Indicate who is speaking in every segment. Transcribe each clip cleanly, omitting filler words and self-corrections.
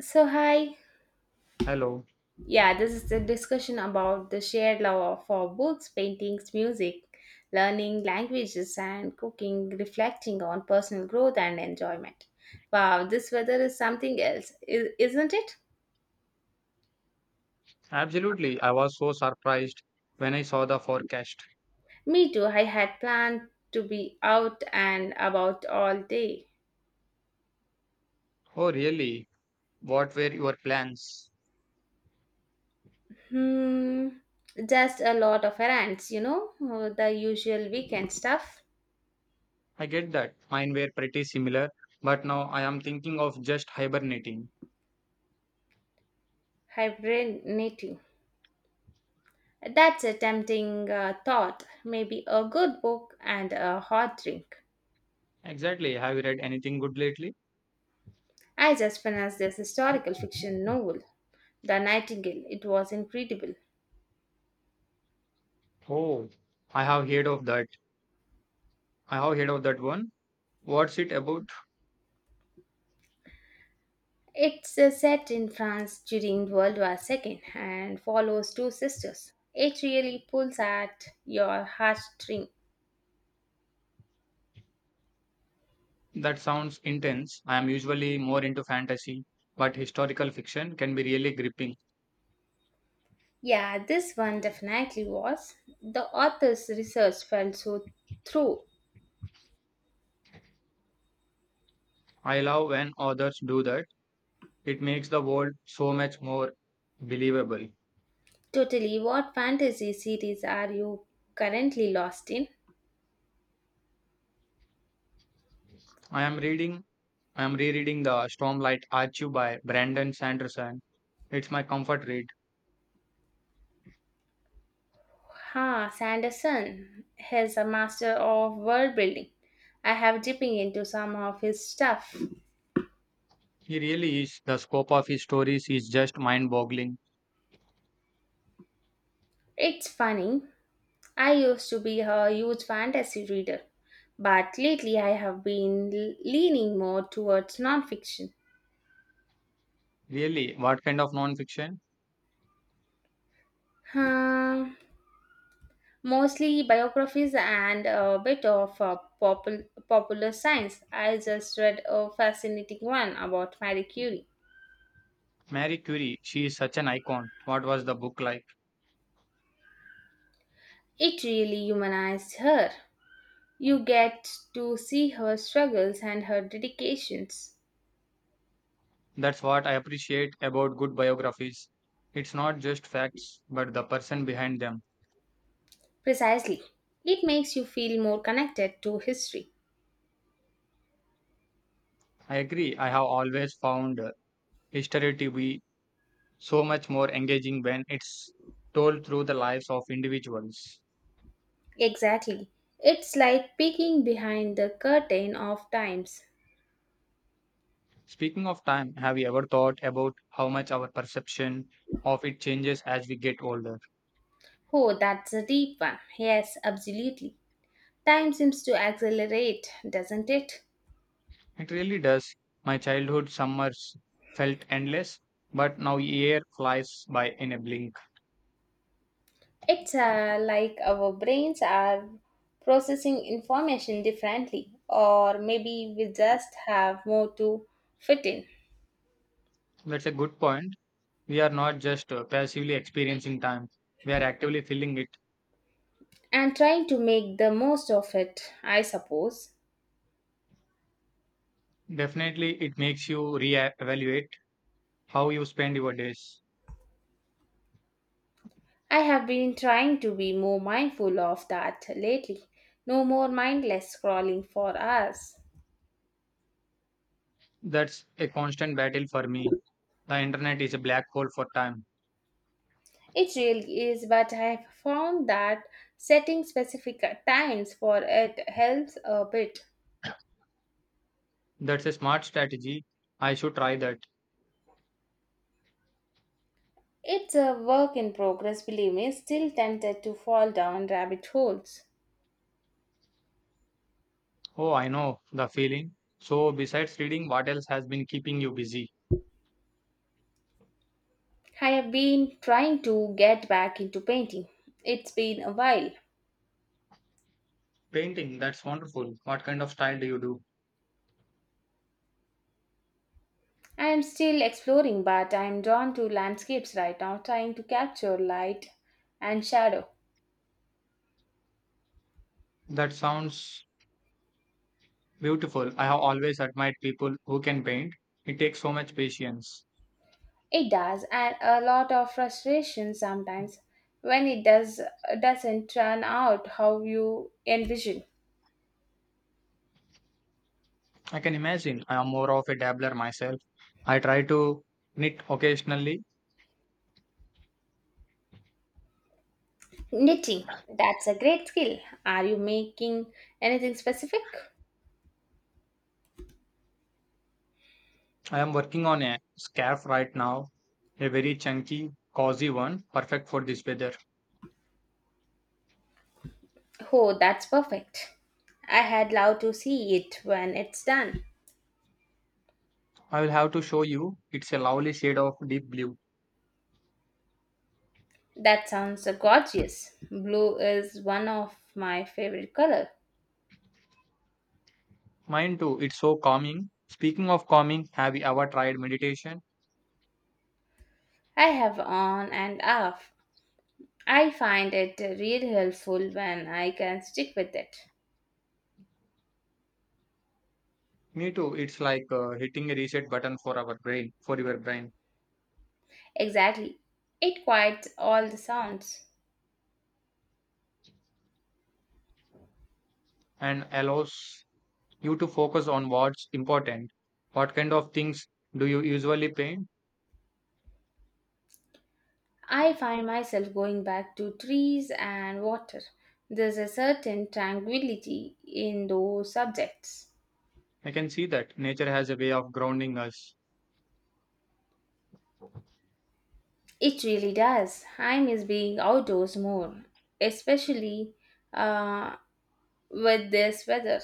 Speaker 1: So, hi.
Speaker 2: Hello.
Speaker 1: Yeah, this is the discussion about the shared love for books, paintings, music, learning languages, and cooking, reflecting on personal growth and enjoyment. Wow, this weather is something else, isn't it?
Speaker 2: Absolutely. I was so surprised when I saw the forecast.
Speaker 1: Me too. I had planned to be out and about all day.
Speaker 2: Oh, really? What were your plans?
Speaker 1: Hmm, just a lot of errands, the usual weekend stuff.
Speaker 2: I get that. Mine were pretty similar, but now I am thinking of just hibernating.
Speaker 1: Hibernating. That's a tempting thought. Maybe a good book and a hot drink.
Speaker 2: Exactly. Have you read anything good lately?
Speaker 1: I just finished this historical fiction novel, The Nightingale. It was incredible.
Speaker 2: Oh, I have heard of that. I have heard of that one. What's it about?
Speaker 1: It's set in France during World War II and follows two sisters. It really pulls at your heartstring.
Speaker 2: That sounds intense. I am usually more into fantasy, but historical fiction can be really gripping.
Speaker 1: Yeah, this one definitely was. The author's research felt so through.
Speaker 2: I love when authors do that. It makes the world so much more believable.
Speaker 1: Totally, what fantasy series are you currently lost in?
Speaker 2: I am reading, I am rereading The Stormlight Archive by Brandon Sanderson. It's my comfort read.
Speaker 1: Ha, Sanderson is a master of world building. I have dipping into some of his stuff.
Speaker 2: He really is. The scope of his stories is just mind boggling.
Speaker 1: It's funny. I used to be a huge fantasy reader, but lately I have been leaning more towards nonfiction.
Speaker 2: Really, what kind of nonfiction?
Speaker 1: Hmm, mostly biographies and a bit of popular science. I just read a fascinating one about Marie Curie.
Speaker 2: Mary Curie, she is such an icon. What was the book like?
Speaker 1: It really humanized her. You get to see her struggles and her dedications.
Speaker 2: That's what I appreciate about good biographies. It's not just facts, but the person behind them.
Speaker 1: Precisely. It makes you feel more connected to history.
Speaker 2: I agree, I have always found history to be so much more engaging when it's told through the lives of individuals.
Speaker 1: Exactly. It's like peeking behind the curtain of times.
Speaker 2: Speaking of time, have you ever thought about how much our perception of it changes as we get older?
Speaker 1: Oh, that's a deep one. Yes, absolutely. Time seems to accelerate, doesn't it?
Speaker 2: It really does. My childhood summers felt endless, but now a year flies by in a blink.
Speaker 1: It's like our brains are processing information differently, or maybe we just have more to fit in.
Speaker 2: That's a good point. We are not just passively experiencing time, we are actively feeling it.
Speaker 1: And trying to make the most of it, I suppose.
Speaker 2: Definitely, it makes you re-evaluate how you spend your days.
Speaker 1: I have been trying to be more mindful of that lately. No more mindless scrolling for us.
Speaker 2: That's a constant battle for me. The internet is a black hole for time.
Speaker 1: It really is, but I have found that setting specific times for it helps a bit.
Speaker 2: That's a smart strategy. I should try that.
Speaker 1: It's a work in progress, believe me, still tempted to fall down rabbit holes.
Speaker 2: Oh, I know the feeling. So, besides reading, what else has been keeping you busy?
Speaker 1: I have been trying to get back into painting. It's been a while.
Speaker 2: Painting, that's wonderful. What kind of style do you do?
Speaker 1: I am still exploring, but I am drawn to landscapes right now, trying to capture light and shadow.
Speaker 2: That sounds beautiful. I have always admired people who can paint. It takes so much patience.
Speaker 1: It does, and a lot of frustration sometimes when it doesn't turn out how you envision.
Speaker 2: I can imagine. I am more of a dabbler myself. I try to knit occasionally.
Speaker 1: Knitting, that's a great skill. Are you making anything specific?
Speaker 2: I am working on a scarf right now, a very chunky, cozy one, perfect for this weather.
Speaker 1: Oh, that's perfect. I had loved to see it when it's done.
Speaker 2: I will have to show you. It's a lovely shade of deep blue.
Speaker 1: That sounds gorgeous. Blue is one of my favorite color.
Speaker 2: Mine too, it's so calming. Speaking of calming, have you ever tried meditation?
Speaker 1: I have on and off. I find it really helpful when I can stick with it.
Speaker 2: Me too, it's like hitting a reset button for our brain, for your brain,
Speaker 1: Exactly. It quiets all the sounds.
Speaker 2: and allows you to focus on what's important. What kind of things do you usually paint?
Speaker 1: I find myself going back to trees and water. There's a certain tranquility in those subjects.
Speaker 2: I can see that nature has a way of grounding us.
Speaker 1: It really does. I miss being outdoors more, especially uh, with this weather.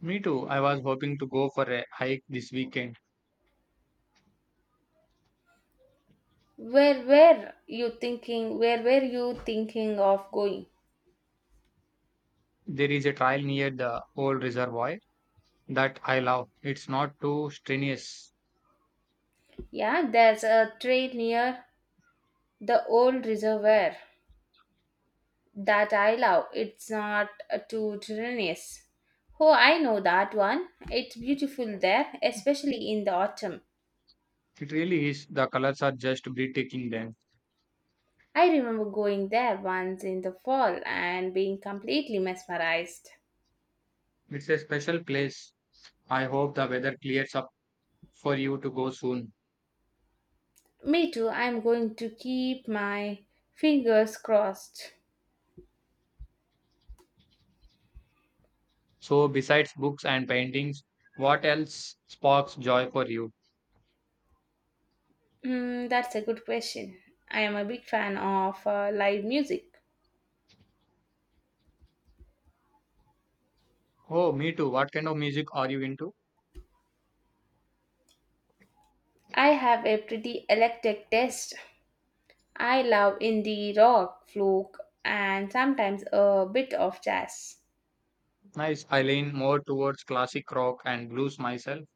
Speaker 2: Me too, I was hoping to go for a hike this weekend.
Speaker 1: Where were you thinking? Where were you thinking of going?
Speaker 2: There is a trail near the old reservoir that I love. It's not too strenuous.
Speaker 1: Yeah, there's a trail near the old reservoir that I love. It's not too tedious. Oh, I know that one. It's beautiful there, especially in the autumn.
Speaker 2: It really is. The colors are just breathtaking then.
Speaker 1: I remember going there once in the fall and being completely mesmerized.
Speaker 2: It's a special place. I hope the weather clears up for you to go soon.
Speaker 1: Me too. I'm going to keep my fingers crossed.
Speaker 2: So, besides books and paintings, what else sparks joy for you?
Speaker 1: Hmm, that's a good question. I am a big fan of live music.
Speaker 2: Oh, me too. What kind of music are you into?
Speaker 1: I have a pretty eclectic taste. I love indie rock, folk, and sometimes a bit of jazz.
Speaker 2: Nice. I lean more towards classic rock and blues myself.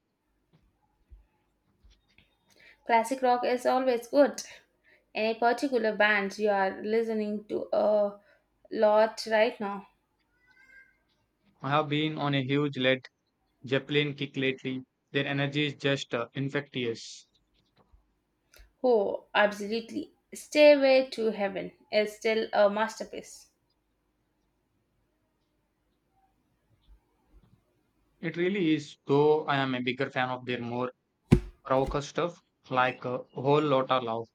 Speaker 1: Classic rock is always good. Any particular bands you are listening to a lot right now?
Speaker 2: I have been on a huge Led Zeppelin kick lately. Their energy is just infectious.
Speaker 1: Oh, absolutely. Stairway to Heaven is still a masterpiece.
Speaker 2: It really is, though I am a bigger fan of their more raucous stuff, like Whole Lotta Love.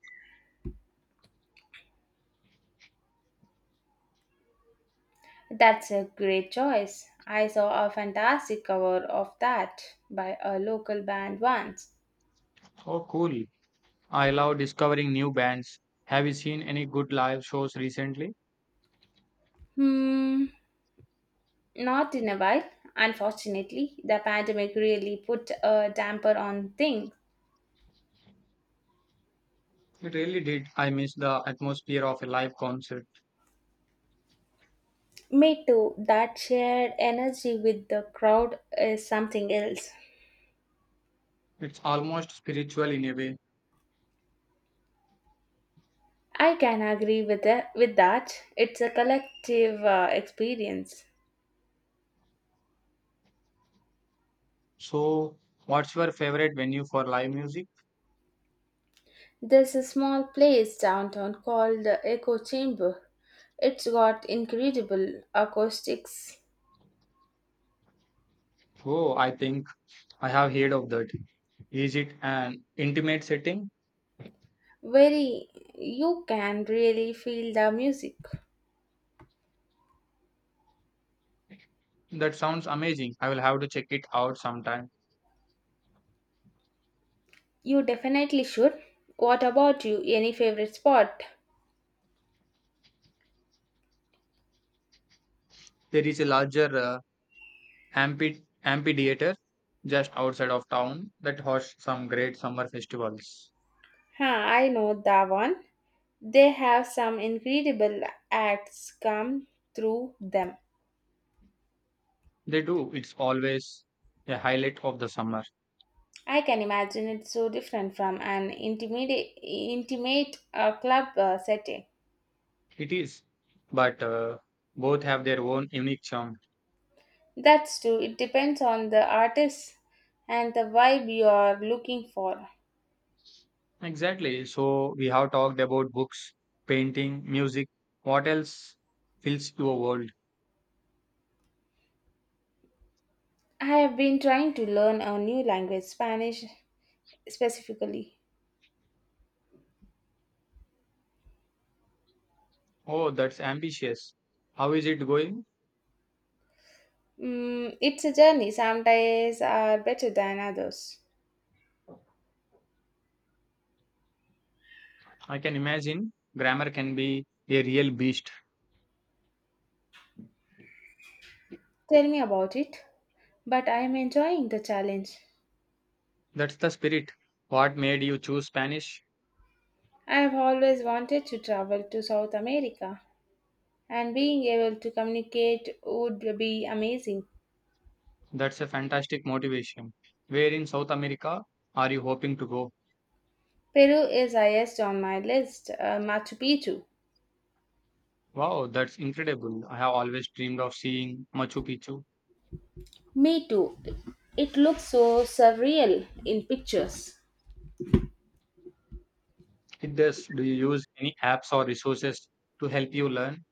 Speaker 1: That's a great choice. I saw a fantastic cover of that by a local band once.
Speaker 2: Oh, cool. I love discovering new bands. Have you seen any good live shows recently?
Speaker 1: Hmm, not in a while. Unfortunately, the pandemic really put a damper on things.
Speaker 2: It really did. I miss the atmosphere of a live concert.
Speaker 1: Me too. That shared energy with the crowd is something else.
Speaker 2: It's almost spiritual in a way.
Speaker 1: I can agree with that. With that, it's a collective experience.
Speaker 2: So, what's your favorite venue for live music?
Speaker 1: There's a small place downtown called the Echo Chamber. It's got incredible acoustics.
Speaker 2: Oh, I think I have heard of that. Is it an intimate setting?
Speaker 1: Very, you can really feel the music.
Speaker 2: That sounds amazing. I will have to check it out sometime.
Speaker 1: You definitely should. What about you? Any favorite spot?
Speaker 2: There is a larger amphitheater just outside of town that hosts some great summer festivals.
Speaker 1: Huh, I know that one. They have some incredible acts come through them.
Speaker 2: They do. It's always a highlight of the summer.
Speaker 1: I can imagine it's so different from an intimate club setting.
Speaker 2: It is. But both have their own unique charm.
Speaker 1: That's true. It depends on the artist and the vibe you are looking for.
Speaker 2: Exactly. So we have talked about books, painting, music. What else fills your world?
Speaker 1: I have been trying to learn a new language, Spanish specifically.
Speaker 2: Oh, that's ambitious. How is it going?
Speaker 1: Mm, it's a journey. Some days are better than others.
Speaker 2: I can imagine grammar can be a real beast.
Speaker 1: Tell me about it. But I am enjoying the challenge.
Speaker 2: That's the spirit. What made you choose Spanish?
Speaker 1: I have always wanted to travel to South America, and being able to communicate would be amazing.
Speaker 2: That's a fantastic motivation. Where in South America are you hoping to go?
Speaker 1: Peru is highest on my list, Machu Picchu.
Speaker 2: Wow, that's incredible. I have always dreamed of seeing Machu Picchu.
Speaker 1: Me too. It looks so surreal in pictures.
Speaker 2: It does. Do you use any apps or resources to help you learn?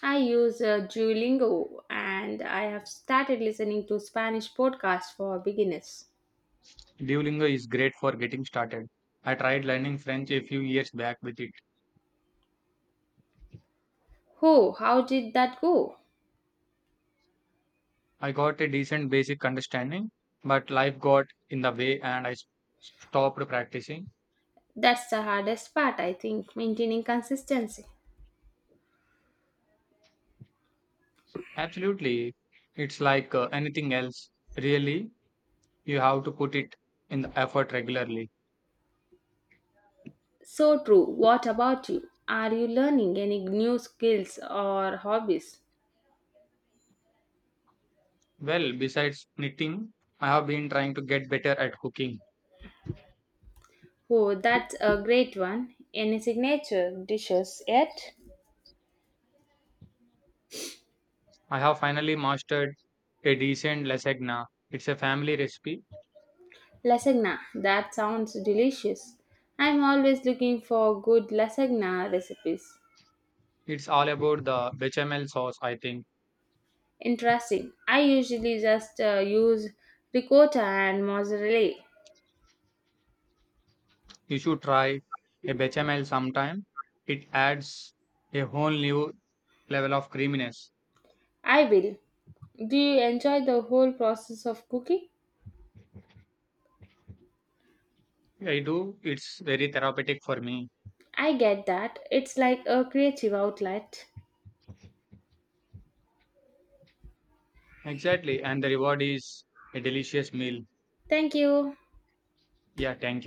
Speaker 1: I use Duolingo and I have started listening to Spanish podcasts for beginners.
Speaker 2: Duolingo is great for getting started. I tried learning French a few years back with it.
Speaker 1: Oh, how did that go?
Speaker 2: I got a decent basic understanding, but life got in the way and stopped practicing.
Speaker 1: That's the hardest part, I think, maintaining consistency.
Speaker 2: Absolutely. It's like anything else. Really, you have to put it in the effort regularly.
Speaker 1: So true. What about you? Are you learning any new skills or hobbies?
Speaker 2: Well, besides knitting, I have been trying to get better at cooking.
Speaker 1: Oh, that's a great one. Any signature dishes yet?
Speaker 2: I have finally mastered a decent lasagna. It's a family recipe.
Speaker 1: Lasagna. That sounds delicious. I'm always looking for good lasagna recipes.
Speaker 2: It's all about the bechamel sauce, I think.
Speaker 1: Interesting. I usually just use ricotta and mozzarella.
Speaker 2: You should try a bechamel sometime. It adds a whole new level of creaminess.
Speaker 1: I will. Do you enjoy the whole process of cooking?
Speaker 2: I do. It's very therapeutic for me.
Speaker 1: I get that. It's like a creative outlet.
Speaker 2: Exactly. And the reward is a delicious meal.
Speaker 1: Thank you.
Speaker 2: Yeah, thank you.